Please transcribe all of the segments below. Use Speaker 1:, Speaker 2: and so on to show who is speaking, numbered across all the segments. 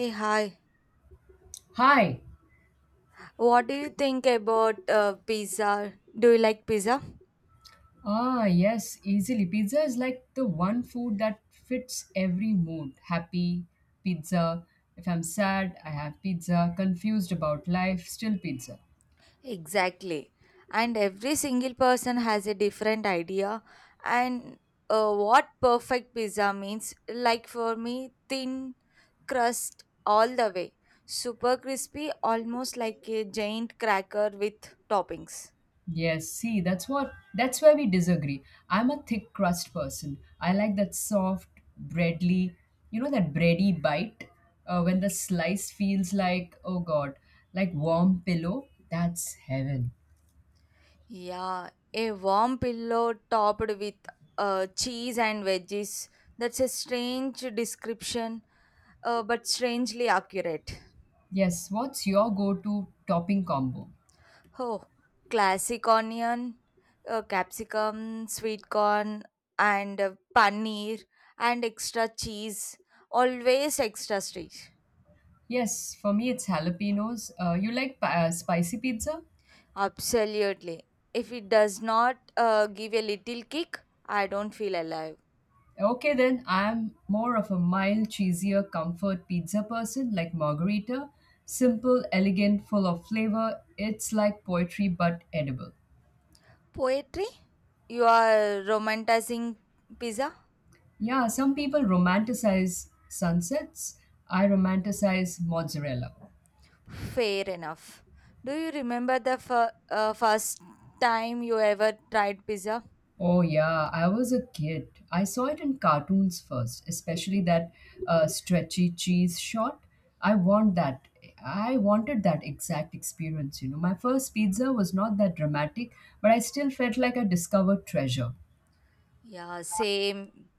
Speaker 1: Hey, hi.
Speaker 2: Hi.
Speaker 1: What do you think about pizza? Do you like pizza?
Speaker 2: Ah, yes, easily. Pizza is like the one food that fits every mood. Happy, pizza. If I'm sad, I have pizza. Confused about life, still pizza.
Speaker 1: Exactly. And every single person has a different idea. And what perfect pizza means, like for me, thin crust all the way, super crispy, almost like a giant cracker with toppings.
Speaker 2: Yes, see, that's where we disagree. I'm a thick crust person. I like that soft, breadly, that bready bite when the slice feels like, oh god, like warm pillow. That's heaven.
Speaker 1: Yeah, a warm pillow topped with cheese and veggies. That's a strange description, but strangely accurate.
Speaker 2: Yes, what's your go-to topping combo?
Speaker 1: Oh, classic onion, capsicum, sweet corn, and paneer, and extra cheese. Always extra sweet.
Speaker 2: Yes, for me it's jalapenos. You like spicy pizza?
Speaker 1: Absolutely. If it does not give a little kick, I don't feel alive.
Speaker 2: Okay, then I'm more of a mild, cheesier comfort pizza person like margarita. Simple, elegant, full of flavor. It's like poetry but edible.
Speaker 1: Poetry? You are romanticizing pizza?
Speaker 2: Yeah, some people romanticize sunsets. I romanticize mozzarella.
Speaker 1: Fair enough. Do you remember the first time you ever tried pizza?
Speaker 2: Oh, yeah, I was a kid. I saw it in cartoons first, especially that stretchy cheese shot. I want that. I wanted that exact experience, you know. My first pizza was not that dramatic, but I still felt like I discovered treasure.
Speaker 1: Yeah, same.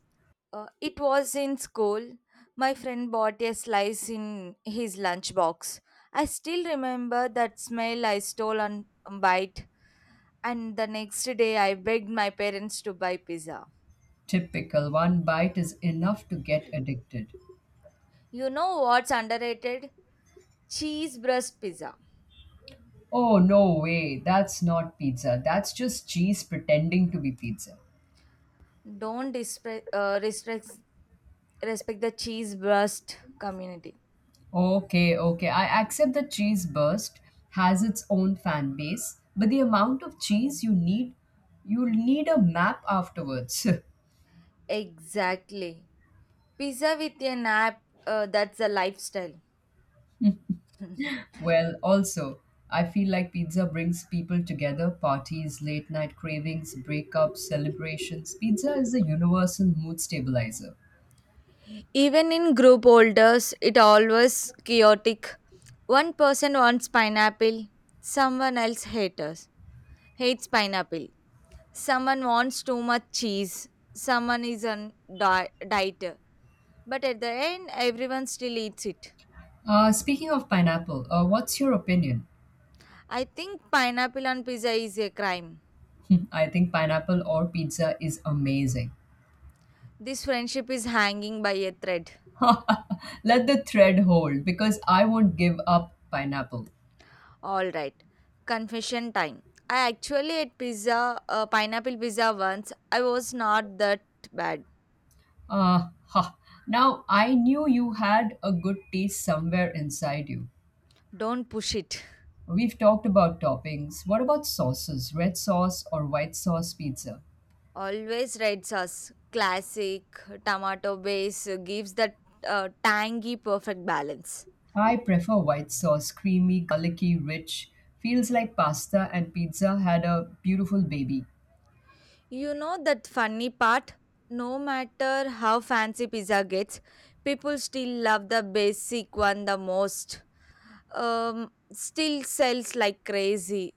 Speaker 1: It was in school. My friend bought a slice in his lunchbox. I still remember that smell I stole on a bite, and the next day I begged my parents to buy pizza.
Speaker 2: Typical, one bite is enough to get addicted.
Speaker 1: You know what's underrated? Cheese breast pizza.
Speaker 2: Oh, no way, that's not pizza. That's just cheese pretending to be pizza.
Speaker 1: Don't respect the cheese breast community.
Speaker 2: Okay, okay. I accept that cheese burst has its own fan base, but the amount of cheese you need, you'll need a map afterwards.
Speaker 1: Exactly. Pizza with an app, that's a lifestyle.
Speaker 2: Well, also, I feel like pizza brings people together, parties, late night cravings, breakups, celebrations. Pizza is a universal mood stabilizer.
Speaker 1: Even in group orders, it always chaotic. One person wants pineapple, someone else haters hates pineapple. Someone wants too much cheese. Someone is on diet. But at the end, everyone still eats it.
Speaker 2: Speaking of pineapple, what's your opinion?
Speaker 1: I think pineapple on pizza is a crime.
Speaker 2: Hmm, I think pineapple or pizza is amazing.
Speaker 1: This friendship is hanging by a thread.
Speaker 2: Let the thread hold because I won't give up pineapple.
Speaker 1: All right. Confession time. I actually ate pineapple pizza once. I was not that bad.
Speaker 2: Ha. Now, I knew you had a good taste somewhere inside you.
Speaker 1: Don't push it.
Speaker 2: We've talked about toppings. What about sauces? Red sauce or white sauce pizza?
Speaker 1: Always red sauce. Classic tomato base gives that tangy perfect balance.
Speaker 2: I prefer white sauce, creamy, garlicky, rich. Feels like pasta and pizza had a beautiful baby.
Speaker 1: You know that funny part? No matter how fancy pizza gets, people still love the basic one the most. Still sells like crazy.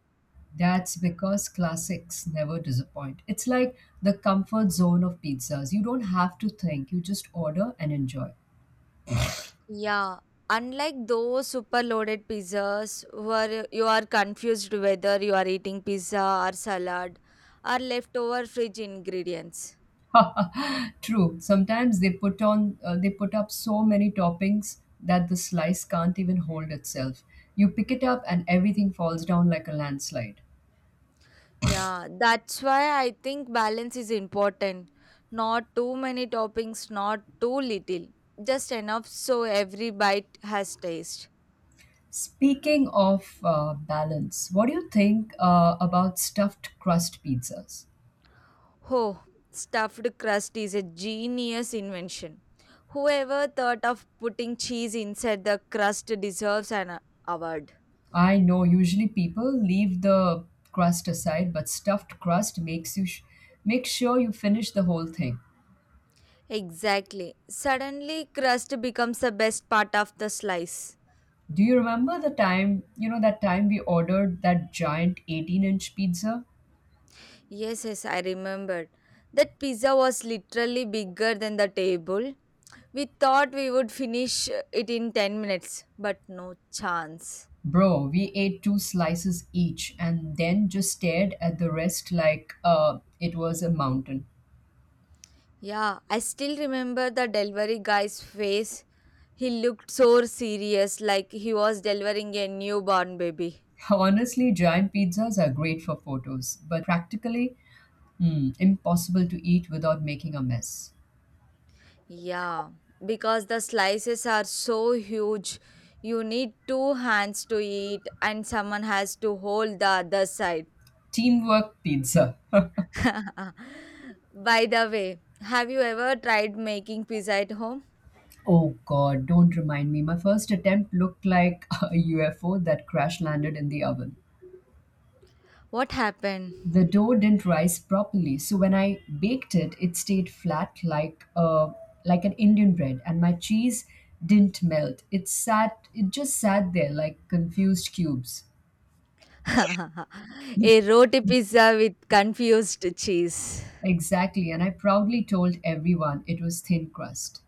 Speaker 2: That's because classics never disappoint. It's like the comfort zone of pizzas. You don't have to think, you just order and enjoy.
Speaker 1: Yeah, unlike those super loaded pizzas where you are confused whether you are eating pizza or salad or leftover fridge ingredients.
Speaker 2: True. Sometimes they put on they put up so many toppings that the slice can't even hold itself. You pick it up and everything falls down like a landslide.
Speaker 1: Yeah, that's why I think balance is important. Not too many toppings, not too little. Just enough so every bite has taste.
Speaker 2: Speaking of balance, what do you think about stuffed crust pizzas?
Speaker 1: Oh, stuffed crust is a genius invention. Whoever thought of putting cheese inside the crust deserves an award.
Speaker 2: I know usually people leave the crust aside, but stuffed crust makes you make sure you finish the whole thing.
Speaker 1: Exactly. Suddenly, crust becomes the best part of the slice.
Speaker 2: Do you remember the time, that time we ordered that giant 18-inch inch pizza?
Speaker 1: Yes, yes, I remembered. That pizza was literally bigger than the table. We thought we would finish it in 10 minutes, but no chance.
Speaker 2: Bro, we ate two slices each and then just stared at the rest like it was a mountain.
Speaker 1: Yeah, I still remember the delivery guy's face. He looked so serious, like he was delivering a newborn baby.
Speaker 2: Honestly, giant pizzas are great for photos, but practically hmm, impossible to eat without making a mess.
Speaker 1: Yeah, because the slices are so huge, you need two hands to eat, and someone has to hold the other side.
Speaker 2: Teamwork pizza.
Speaker 1: By the way, have you ever tried making pizza at home?
Speaker 2: Oh god, don't remind me. My first attempt looked like a UFO that crash landed in the oven.
Speaker 1: What happened?
Speaker 2: The dough didn't rise properly. So when I baked it, it stayed flat like an Indian bread, and my cheese didn't melt. It just sat there like confused cubes.
Speaker 1: A roti pizza with confused cheese.
Speaker 2: Exactly, and I proudly told everyone it was thin crust.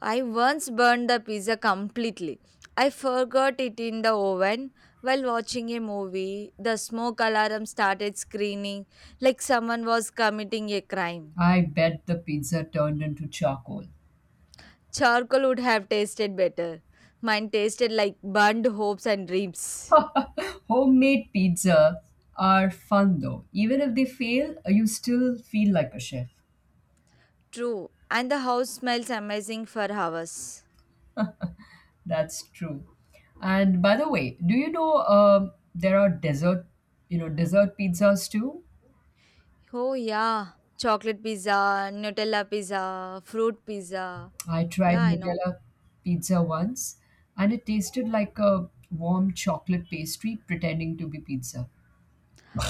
Speaker 1: I once burned the pizza completely. I forgot it in the oven while watching a movie. The smoke alarm started screaming like someone was committing a crime.
Speaker 2: I bet the pizza turned into charcoal.
Speaker 1: Charcoal would have tasted better. Mine tasted like burned hopes and dreams.
Speaker 2: Homemade pizza are fun though. Even if they fail, you still feel like a chef.
Speaker 1: True, and the house smells amazing for hours.
Speaker 2: That's true. And by the way, do you know there are dessert, dessert pizzas too?
Speaker 1: Oh, yeah. Chocolate pizza, Nutella pizza, fruit pizza.
Speaker 2: I tried
Speaker 1: Yeah, I know.
Speaker 2: Nutella pizza once, and it tasted like a warm chocolate pastry pretending to be pizza.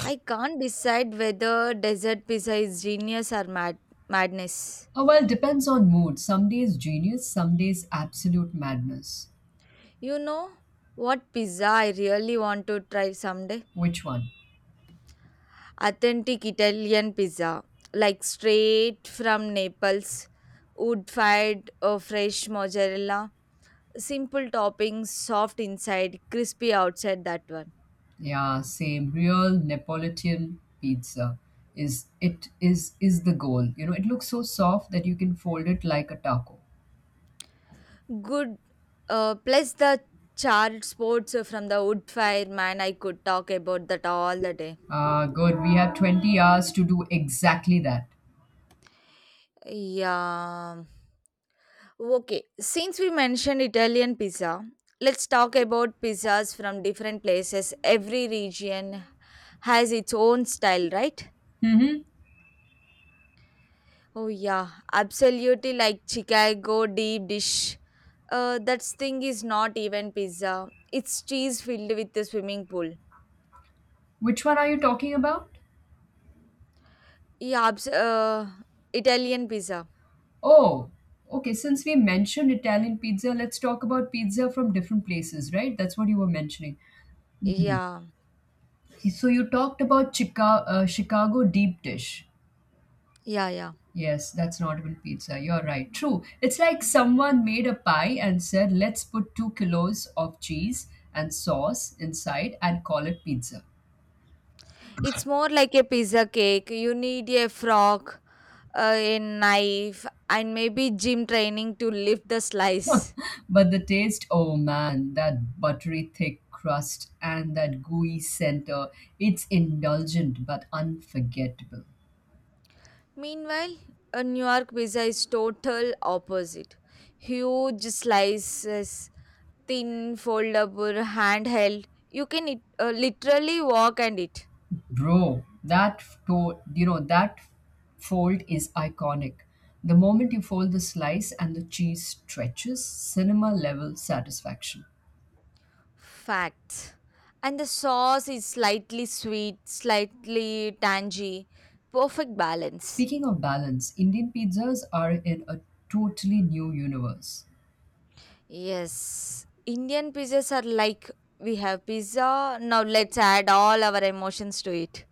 Speaker 1: I can't decide whether dessert pizza is genius or madness.
Speaker 2: Oh, well, depends on mood. Some days genius, some days absolute madness.
Speaker 1: You know what pizza I really want to try someday?
Speaker 2: Which one?
Speaker 1: Authentic Italian pizza, like straight from Naples, wood fired or fresh mozzarella, simple toppings, soft inside, crispy outside. That one
Speaker 2: Yeah, same. Real Neapolitan pizza is it is the goal. You know, it looks so soft that you can fold it like a taco.
Speaker 1: good. Plus the charred spots from the wood fire man. I could talk about that all the day.
Speaker 2: Ah, good. We have 20 hours to do exactly that.
Speaker 1: Yeah. Okay, since we mentioned Italian pizza, let's talk about pizzas from different places. Every region has its own style, right?
Speaker 2: Mm-hmm.
Speaker 1: Oh, yeah, absolutely like Chicago deep dish. That thing is not even pizza, it's cheese filled with the swimming pool.
Speaker 2: Which one are you talking about?
Speaker 1: Yeah, Italian pizza.
Speaker 2: Oh, okay. Since we mentioned Italian pizza, let's talk about pizza from different places, right? That's what you were mentioning.
Speaker 1: Yeah,
Speaker 2: So you talked about Chicago deep dish.
Speaker 1: yeah, yeah.
Speaker 2: Yes, that's not even pizza. You're right. True. It's like someone made a pie and said, let's put 2 kilos of cheese and sauce inside and call it pizza.
Speaker 1: It's more like a pizza cake. You need a fork, a knife, and maybe gym training to lift the slice.
Speaker 2: But the taste, oh man, that buttery thick crust and that gooey center, it's indulgent but unforgettable.
Speaker 1: Meanwhile, a New York pizza is total opposite. Huge slices, thin, foldable, handheld. You can eat, literally walk and eat.
Speaker 2: Bro, you know that fold is iconic. The moment you fold the slice and the cheese stretches, cinema level satisfaction.
Speaker 1: Facts. And the sauce is slightly sweet, slightly tangy. Perfect balance.
Speaker 2: Speaking of balance, Indian pizzas are in a totally new universe.
Speaker 1: Yes, Indian pizzas are like we have pizza, now let's add all our emotions to it.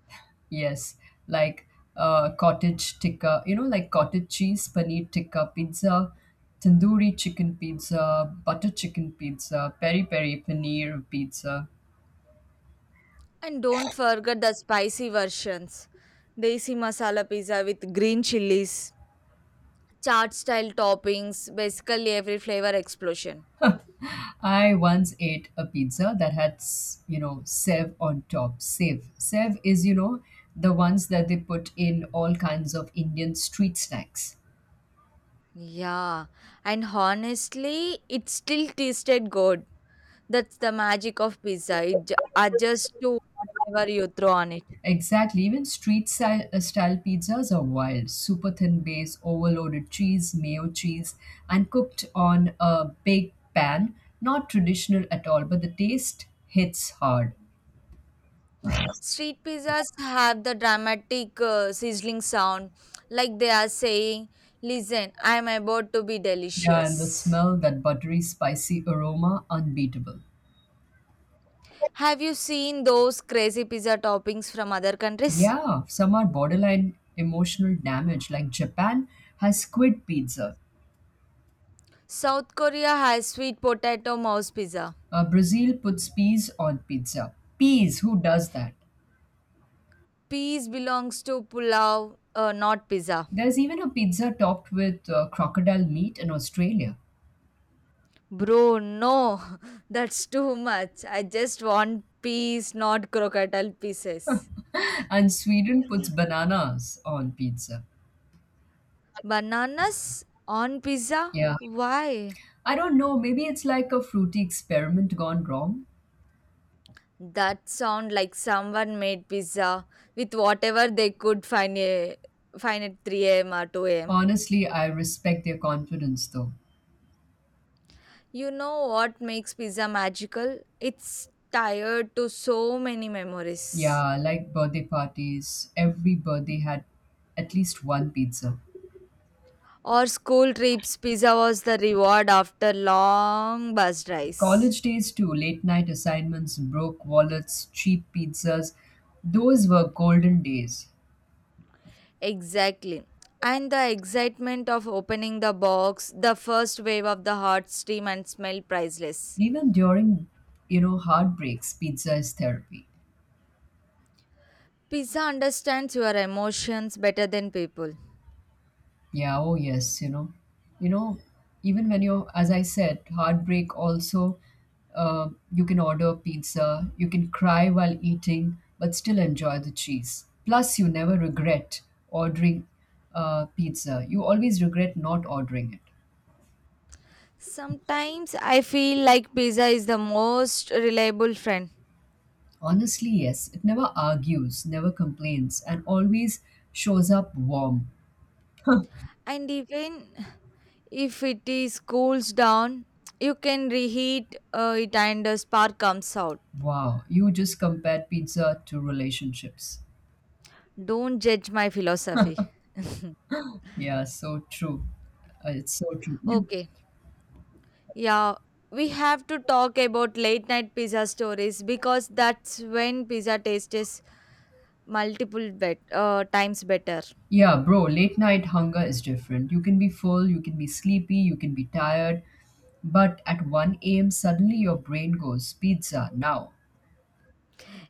Speaker 2: Yes, like cottage tikka, you know, like cottage cheese paneer tikka pizza, tandoori chicken pizza, butter chicken pizza, peri peri paneer pizza.
Speaker 1: And don't forget the spicy versions. Desi masala pizza with green chilies, chaat style toppings, basically every flavor explosion.
Speaker 2: I once ate a pizza that had, you know, sev on top. Sev. Sev is, you know, the ones that they put in all kinds of Indian street snacks.
Speaker 1: Yeah, and honestly, it still tasted good. That's the magic of pizza. It adjusts to whatever you throw on it.
Speaker 2: Exactly. Even street style, pizzas are wild. Super thin base, overloaded cheese, mayo cheese, and cooked on a big pan. Not traditional at all, but the taste hits hard.
Speaker 1: Street pizzas have the dramatic sizzling sound, like they are saying, Listen, I am about to be
Speaker 2: Yeah, and the
Speaker 1: delicious.
Speaker 2: smell, that buttery, spicy aroma, unbeatable.
Speaker 1: Have you seen those crazy pizza toppings from other countries?
Speaker 2: Yeah, some are borderline emotional damage, like Japan has squid pizza.
Speaker 1: South Korea has sweet potato mouse pizza.
Speaker 2: Brazil puts peas on pizza. Peas, who does that?
Speaker 1: Peas belongs to pulao, not pizza.
Speaker 2: There's even a pizza topped with crocodile meat in Australia.
Speaker 1: Bro, no, that's too much. I just want peas, not crocodile pieces.
Speaker 2: And Sweden puts bananas on pizza.
Speaker 1: Bananas on pizza?
Speaker 2: Yeah.
Speaker 1: Why?
Speaker 2: I don't know. Maybe it's like a fruity experiment gone wrong.
Speaker 1: That sound like someone made pizza with whatever they could find at 3 a.m. or 2 a.m.
Speaker 2: Honestly, I respect their confidence though.
Speaker 1: You know what makes pizza magical? It's tied to so many memories.
Speaker 2: Yeah, like birthday parties, every birthday had at least one pizza.
Speaker 1: Our school trips, pizza was the reward after long bus rides.
Speaker 2: College days too, late night assignments, broke wallets, cheap pizzas. Those were golden days.
Speaker 1: Exactly. And the excitement of opening the box, the first wave of the hot steam and smell priceless.
Speaker 2: Even during, heartbreaks, pizza is therapy.
Speaker 1: Pizza understands your emotions better than people.
Speaker 2: Yeah, oh yes, you know. You know, even when you're, as I said, heartbreak also, you can order pizza, you can cry while eating, but still enjoy the cheese. Plus, you never regret ordering pizza. You always regret not ordering it.
Speaker 1: Sometimes I feel like pizza is the most reliable friend.
Speaker 2: Honestly, yes, it never argues, never complains, and always shows up warm.
Speaker 1: And even if it is cools down, you can reheat it and the spark comes out.
Speaker 2: Wow, you just compared pizza to relationships.
Speaker 1: Don't judge my philosophy.
Speaker 2: Yeah, so true. You-
Speaker 1: Okay. Yeah, we have to talk about late night pizza stories because that's when pizza tastes multiple times better.
Speaker 2: Yeah, bro, late night hunger is different. You can be full, you can be sleepy, you can be tired, but at 1 a.m., suddenly your brain goes, "Pizza, now."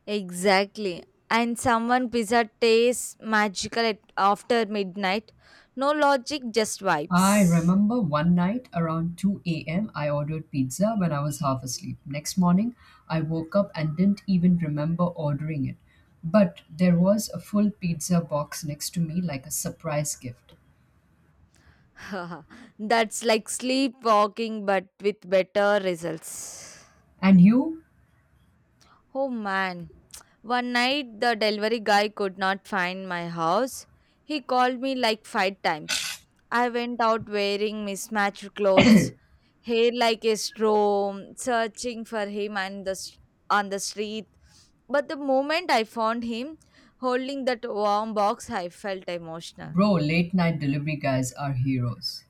Speaker 1: Exactly. And someone pizza tastes magical at, after midnight. No logic, just
Speaker 2: I
Speaker 1: vibes.
Speaker 2: remember one night around 2 a.m., I ordered pizza when I was half asleep. Next morning, I woke up and didn't even remember ordering it. But there was a full pizza box next to me like a surprise gift.
Speaker 1: That's like sleepwalking but with better results.
Speaker 2: And you,
Speaker 1: Oh man, one night the delivery guy could not find my house. He called me like five times. I went out wearing mismatched clothes, hair like a straw, searching for him on on the street. But the moment I found him holding that warm box, I felt emotional.
Speaker 2: bro, late night delivery guys are heroes.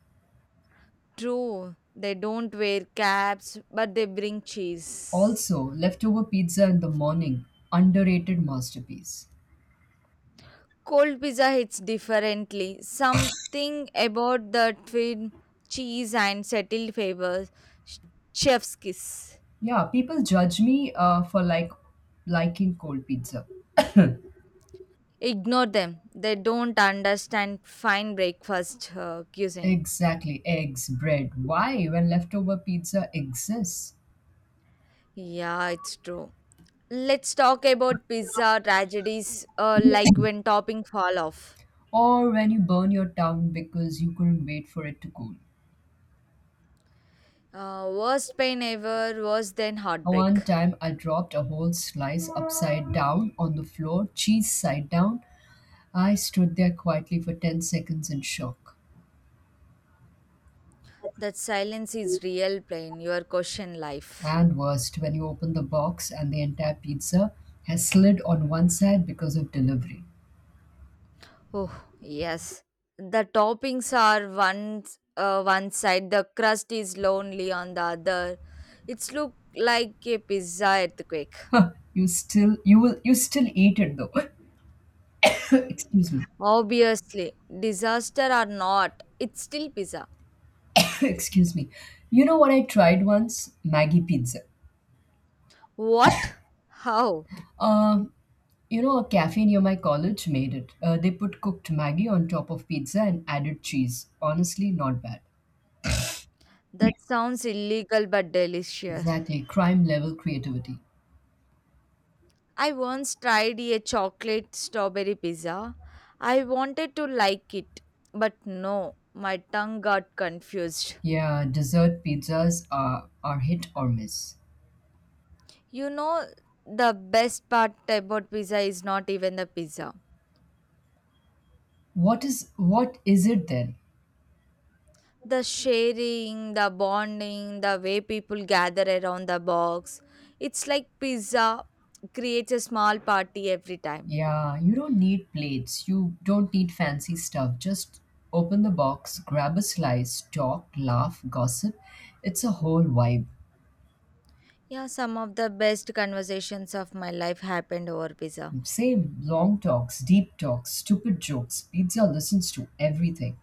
Speaker 1: True, they don't wear caps, but they bring cheese.
Speaker 2: Also, leftover pizza in the morning, underrated masterpiece.
Speaker 1: Cold pizza hits differently. Something about the thin cheese and settled flavors. sh- Chef's kiss.
Speaker 2: Yeah, people judge me for like liking cold pizza.
Speaker 1: Ignore them. They don't understand fine breakfast cuisine.
Speaker 2: Exactly, eggs, bread. Why when leftover pizza exists?
Speaker 1: Yeah, it's true. Let's talk about pizza tragedies, like when topping fall off.
Speaker 2: Or when you burn your tongue because you couldn't wait for it to cool.
Speaker 1: Worst pain ever, worse than heartbreak.
Speaker 2: One time I dropped a whole slice upside down on the floor, cheese side down. I stood there quietly for 10 seconds in shock.
Speaker 1: That silence is real pain. Your question life.
Speaker 2: And worst, when you open the box and the entire pizza has slid on one side because of delivery.
Speaker 1: Oh, yes. The toppings are one side, the crust is lonely on the other. It's look like a pizza earthquake.
Speaker 2: Huh, you still you will you still eat it though. Excuse me.
Speaker 1: Obviously, disaster or not, it's still pizza.
Speaker 2: Excuse me. You know what I tried once? Maggie pizza.
Speaker 1: What? How?
Speaker 2: Um, you know, a cafe near my college made it. They put cooked Maggie on top of pizza and added cheese. Honestly, not bad.
Speaker 1: That sounds illegal but delicious.
Speaker 2: Exactly, crime level creativity.
Speaker 1: I once tried a chocolate strawberry pizza. I wanted to like it, but no, my tongue got confused.
Speaker 2: Yeah, dessert pizzas are hit or miss.
Speaker 1: You know, the best part about pizza is not even the pizza.
Speaker 2: What is it then?
Speaker 1: The sharing, the bonding, the way people gather around the box. It's like pizza creates a small party every time.
Speaker 2: Yeah, you don't need plates. You don't need fancy stuff. Just open the box, grab a slice, talk, laugh, gossip. It's a whole vibe.
Speaker 1: Yeah, some of the best conversations of my life happened over pizza.
Speaker 2: Same long talks, deep talks, stupid jokes. Pizza listens to everything.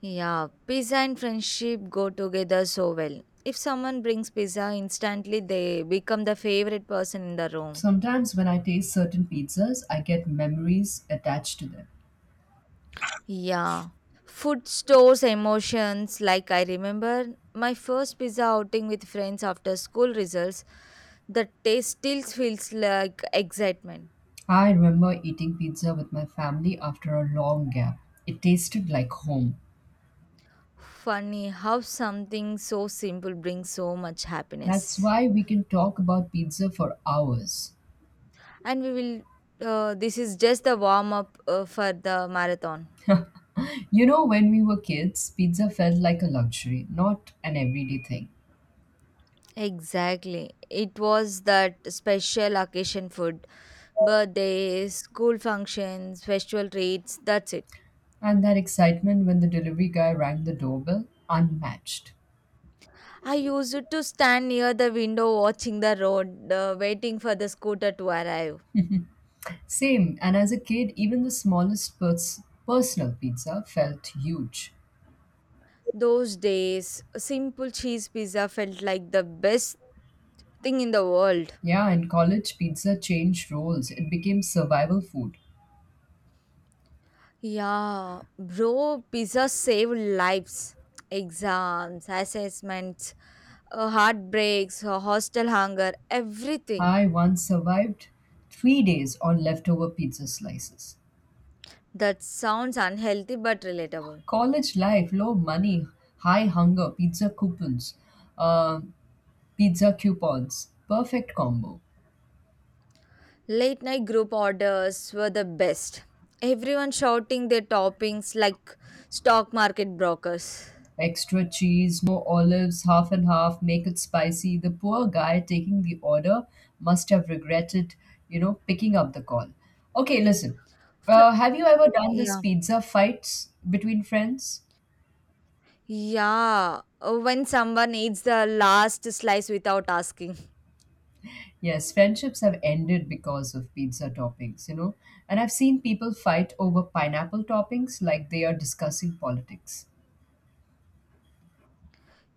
Speaker 1: Yeah, pizza and friendship go together so well. If someone brings pizza, instantly they become the favorite person in the room.
Speaker 2: Sometimes when I taste certain pizzas, I get memories attached to them.
Speaker 1: Yeah. Food stores emotions. Like, I remember my first pizza outing with friends after school results, the taste still feels like excitement.
Speaker 2: I remember eating pizza with my family after a long gap. It tasted like home.
Speaker 1: Funny how something so simple brings so much
Speaker 2: That's
Speaker 1: happiness.
Speaker 2: why we can talk about pizza for hours.
Speaker 1: And we will, this is just the warm up for the marathon.
Speaker 2: You know, when we were kids, pizza felt like a luxury, not an everyday thing.
Speaker 1: Exactly. It was that special occasion food birthdays, school functions, festival treats, that's it.
Speaker 2: And that excitement when the delivery guy rang the doorbell, unmatched.
Speaker 1: I used to stand near the window watching the road, waiting for the scooter to arrive.
Speaker 2: Same, and as a kid, even the smallest personal pizza felt huge.
Speaker 1: Those days, a simple cheese pizza felt like the best thing in the world.
Speaker 2: Yeah, in college, pizza changed roles, it became survival food.
Speaker 1: Yeah, bro, pizza saved lives. Exams, assessments, heartbreaks, hostel hunger, everything.
Speaker 2: I once survived 3 days on leftover pizza slices.
Speaker 1: That sounds unhealthy but relatable.
Speaker 2: College life, low money, high hunger, pizza coupons. Uh, Pizza coupons. Perfect combo.
Speaker 1: Late night group orders were the best. Everyone shouting their toppings like stock market brokers.
Speaker 2: Extra cheese, no olives, half and half, make it spicy. The poor guy taking the order must have regretted, picking up the call. Okay, listen.
Speaker 1: Fr-
Speaker 2: Have you ever done this
Speaker 1: yeah.
Speaker 2: pizza fights between friends?
Speaker 1: Yeah. When someone eats the last slice without asking.
Speaker 2: Yes, friendships have ended because of pizza toppings, you know. And I've seen people fight over pineapple toppings like they are discussing politics.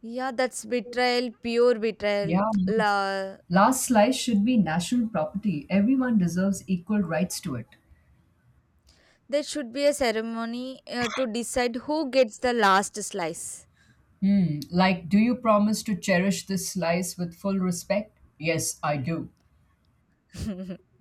Speaker 1: Yeah, that's betrayal, pure betrayal.
Speaker 2: Yeah,
Speaker 1: La-
Speaker 2: last slice should be national property. Everyone deserves equal rights to it.
Speaker 1: there should be a ceremony to decide who gets the last slice.
Speaker 2: Hmm, like, do you promise to cherish this slice with full respect? Yes, I do.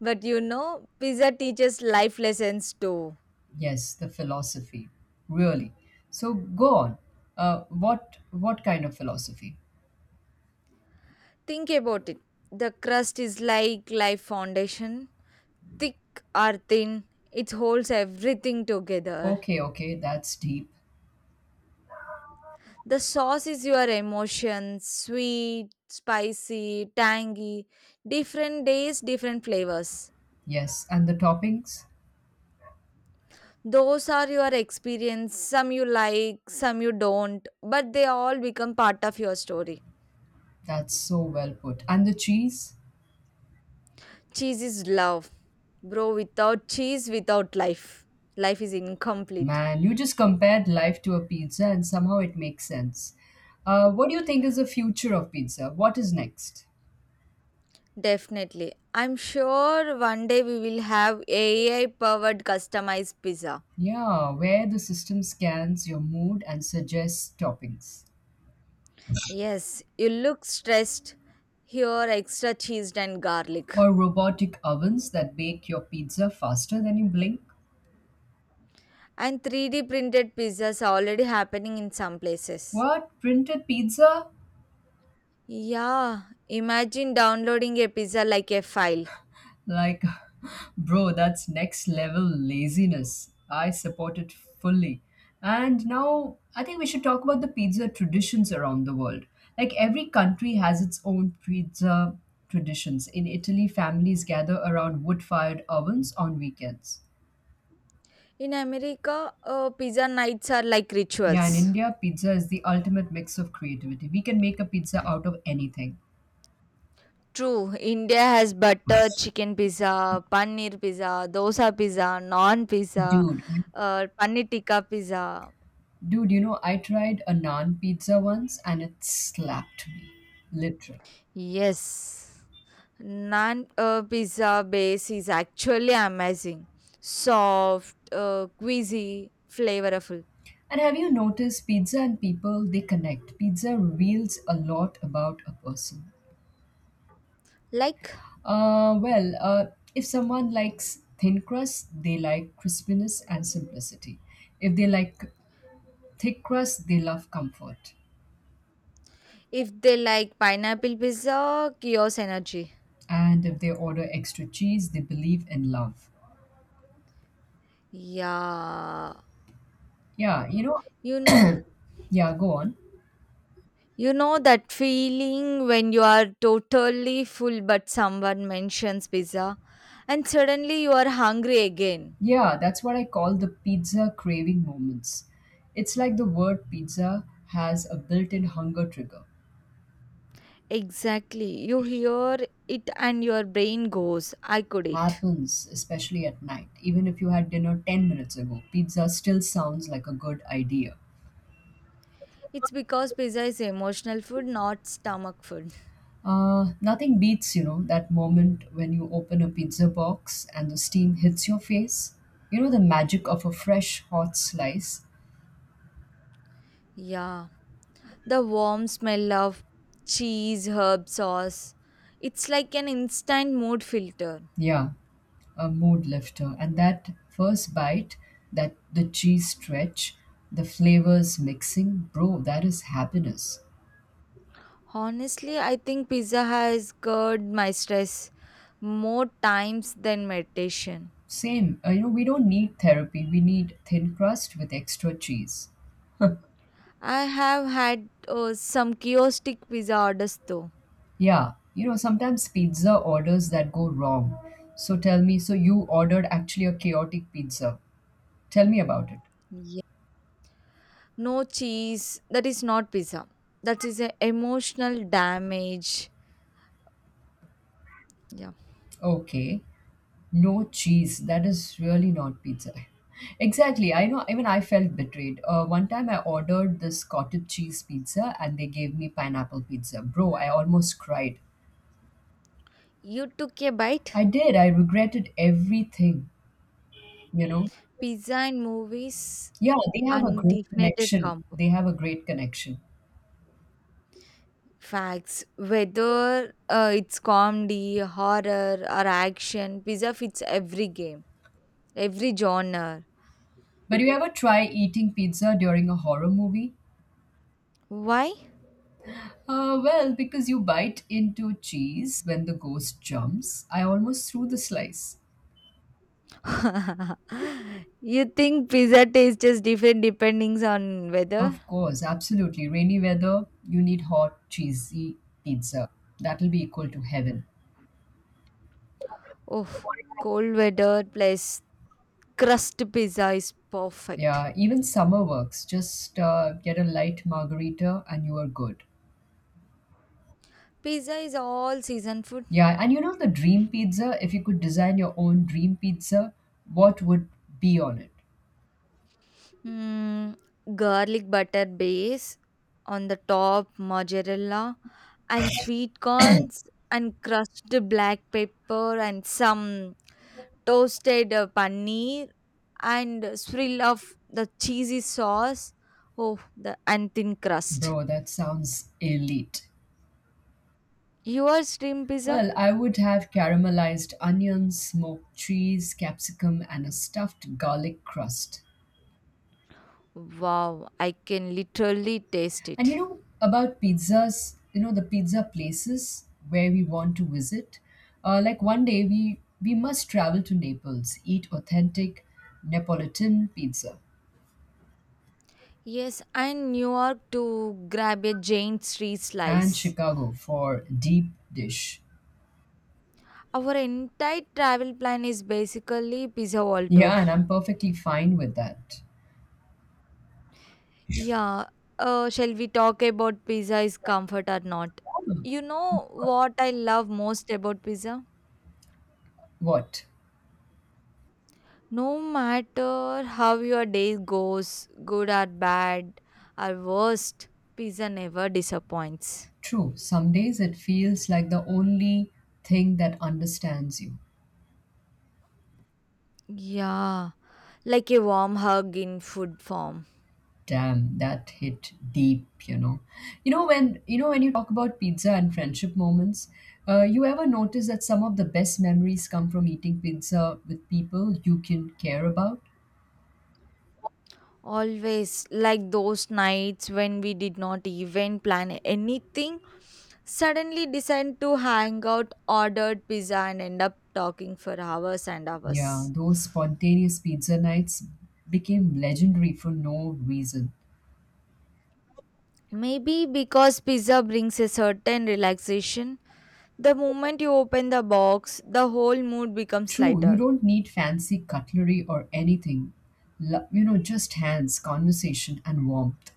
Speaker 1: But you know, pizza teaches life lessons too.
Speaker 2: Yes, the philosophy. Really. So go on. What kind of philosophy?
Speaker 1: Think about it. The crust is like life foundation, thick or thin, it holds everything together.
Speaker 2: Okay, okay, that's deep.
Speaker 1: The sauce is your emotions sweet, spicy, tangy, different days, different flavors.
Speaker 2: Yes, and the toppings?
Speaker 1: Those are your experience. Some you like, some you don't, but they all become part of your story.
Speaker 2: That's so well put. And the cheese?
Speaker 1: Cheese is love. Bro, without cheese, without life. Life is incomplete.
Speaker 2: Man, you just compared life to a pizza and somehow it makes sense. What do you think is the future of pizza? What is next?
Speaker 1: Definitely. I'm sure one day we will have AI powered customized pizza.
Speaker 2: Yeah, where the system scans your mood and suggests toppings.
Speaker 1: Yes, you look stressed. Here, extra cheese and garlic.
Speaker 2: Or robotic ovens that bake your pizza faster than you blink.
Speaker 1: And 3D printed pizzas are already happening in some places.
Speaker 2: What? Printed pizza?
Speaker 1: Yeah, imagine downloading a pizza like a file.
Speaker 2: Like, bro, that's next level laziness. I support it fully. And now, I think we should talk about the pizza traditions around the world. Like, every country has its own pizza traditions. In Italy, families gather around wood fired ovens on weekends.
Speaker 1: In America, pizza nights are like
Speaker 2: Yeah, in
Speaker 1: rituals.
Speaker 2: India, pizza is the ultimate mix of creativity. We can make a pizza out of anything.
Speaker 1: True, India has butter chicken pizza, paneer pizza, dosa pizza, non pizza,
Speaker 2: Dude, I-
Speaker 1: paneer tikka pizza.
Speaker 2: Dude, you know, I tried a naan pizza once and it slapped me, literally.
Speaker 1: Yes. Naan pizza base is actually amazing. Soft, queasy, flavorful.
Speaker 2: And have you noticed pizza and people, they connect. Pizza reveals a lot about a person.
Speaker 1: Like
Speaker 2: Uh, well, uh, if someone likes thin crust, they like crispiness and simplicity. If they like thick crust, they love comfort.
Speaker 1: if they like pineapple pizza, chaos energy.
Speaker 2: And if they order extra cheese, they believe in love.
Speaker 1: Yeah,
Speaker 2: Yeah,
Speaker 1: you know,
Speaker 2: yeah, go on.
Speaker 1: you know that feeling when you are totally full, but someone mentions pizza, and suddenly you are hungry again.
Speaker 2: Yeah, that's what I call the pizza craving moments. It's like the word pizza has a built in hunger trigger.
Speaker 1: Exactly, you hear it, and your brain goes, "I could eat."
Speaker 2: Happens, especially at night. Even if you had dinner 10 minutes ago, pizza still sounds like a good idea.
Speaker 1: It's because pizza is emotional food, not stomach food.
Speaker 2: Nothing beats, you know, that moment when you open a pizza box and the steam hits your face. You know, the magic of a fresh hot slice.
Speaker 1: Yeah. The warm smell of cheese, herb sauce. It's like an instant mood filter.
Speaker 2: Yeah, a mood lifter. And that first bite, that the cheese stretch, the flavors mixing, bro, that is happiness.
Speaker 1: Honestly, I think pizza has cured my stress more times than meditation.
Speaker 2: Same, you know, we don't need therapy. We need thin crust with extra cheese.
Speaker 1: I have had some kiosk pizza orders though.
Speaker 2: Yeah, you know, sometimes pizza orders that go wrong. So tell me, so you ordered actually a chaotic pizza. Tell me about it.
Speaker 1: Yeah. No cheese. That is not pizza. That is a emotional damage. Yeah.
Speaker 2: Okay. No cheese. That is really not pizza. Exactly. I know. Even I felt betrayed. One time I ordered this cottage cheese pizza and they gave me pineapple pizza. Bro, I almost cried.
Speaker 1: You took a bite?
Speaker 2: I did. I regretted everything. You know.
Speaker 1: Pizza and movies,
Speaker 2: Yeah, they have a great
Speaker 1: undefined
Speaker 2: connection.
Speaker 1: combo.
Speaker 2: They have a great connection.
Speaker 1: Facts. Whether it's comedy, horror, or action, pizza fits every game, every genre.
Speaker 2: But you ever try eating pizza during a horror movie?
Speaker 1: Why?
Speaker 2: Because you bite into cheese when the ghost jumps, I almost threw the slice.
Speaker 1: You think pizza tastes just different depending on weather?
Speaker 2: Of course, absolutely. Rainy weather, you need hot, cheesy pizza. That'll be equal to heaven.
Speaker 1: Oh, cold weather plus crust pizza is perfect.
Speaker 2: Yeah, even summer works. Just get a light margarita and you are good.
Speaker 1: Pizza is all season food.
Speaker 2: Yeah, and you know the dream pizza, if you could design your own dream pizza, what would be on it?
Speaker 1: Mm, garlic butter base on the top, mozzarella and sweet corns and crushed black pepper and some toasted paneer and a swirl of the cheesy sauce. Oh, the and thin crust.
Speaker 2: Bro, that sounds elite.
Speaker 1: Your steam pizza?
Speaker 2: Well, I would have caramelized onions, smoked cheese, capsicum, and a stuffed garlic crust.
Speaker 1: Wow, I can literally taste
Speaker 2: And you
Speaker 1: it.
Speaker 2: know, about pizzas, you know, the pizza places where we want to visit. Like one day we must travel to Naples, eat authentic Neapolitan pizza,
Speaker 1: Yes, and New York to grab a giant tree
Speaker 2: and
Speaker 1: slice.
Speaker 2: Chicago for deep dish.
Speaker 1: Our entire travel plan is basically pizza wall tour.
Speaker 2: Yeah, and I'm perfectly fine with that.
Speaker 1: Yeah, shall we talk about pizza is comfort or not?
Speaker 2: Hmm.
Speaker 1: You know what I love most about pizza?
Speaker 2: What?
Speaker 1: No matter how your day goes, good or bad or worst, pizza never disappoints.
Speaker 2: True, some days it feels like the only thing that understands you.
Speaker 1: Yeah, like a warm hug in food form.
Speaker 2: Damn, that hit deep, you know. You know, when you talk about pizza and friendship moments, you ever notice that some of the best memories come from eating pizza with people you can care about?
Speaker 1: Always like those nights when we did not even plan anything, suddenly decide to hang out, ordered pizza, and end up talking for hours and
Speaker 2: Yeah,
Speaker 1: hours.
Speaker 2: those spontaneous pizza nights became legendary for no reason.
Speaker 1: Maybe because pizza brings a certain relaxation, the moment you open the box, the whole mood becomes
Speaker 2: True, you
Speaker 1: lighter.
Speaker 2: don't need fancy cutlery or anything. You know, just hands, conversation, and warmth.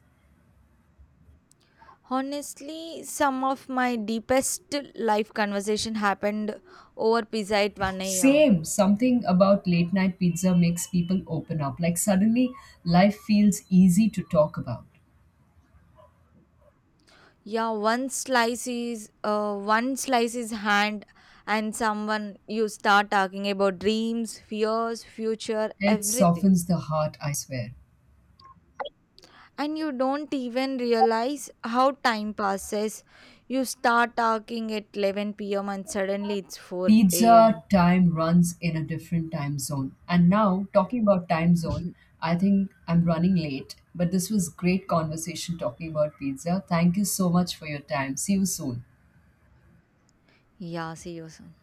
Speaker 1: Honestly, some of my deepest life conversation happened over pizza at 1 a.m.
Speaker 2: Same, something about late night pizza makes people open up. Like suddenly, life feels easy to talk about.
Speaker 1: Yeah, one slice is hand and someone you start talking about dreams, fears, future,
Speaker 2: It
Speaker 1: everything,
Speaker 2: softens the heart, I swear.
Speaker 1: and you don't even realize how time passes. You start talking at 11 p.m. and suddenly it's 4 a.m.
Speaker 2: Pizza time runs in a different time zone. And now, talking about time zone, I think I'm running late, but this was great conversation talking about pizza. Thank you so much for your time. See you soon.
Speaker 1: Yeah, see you soon.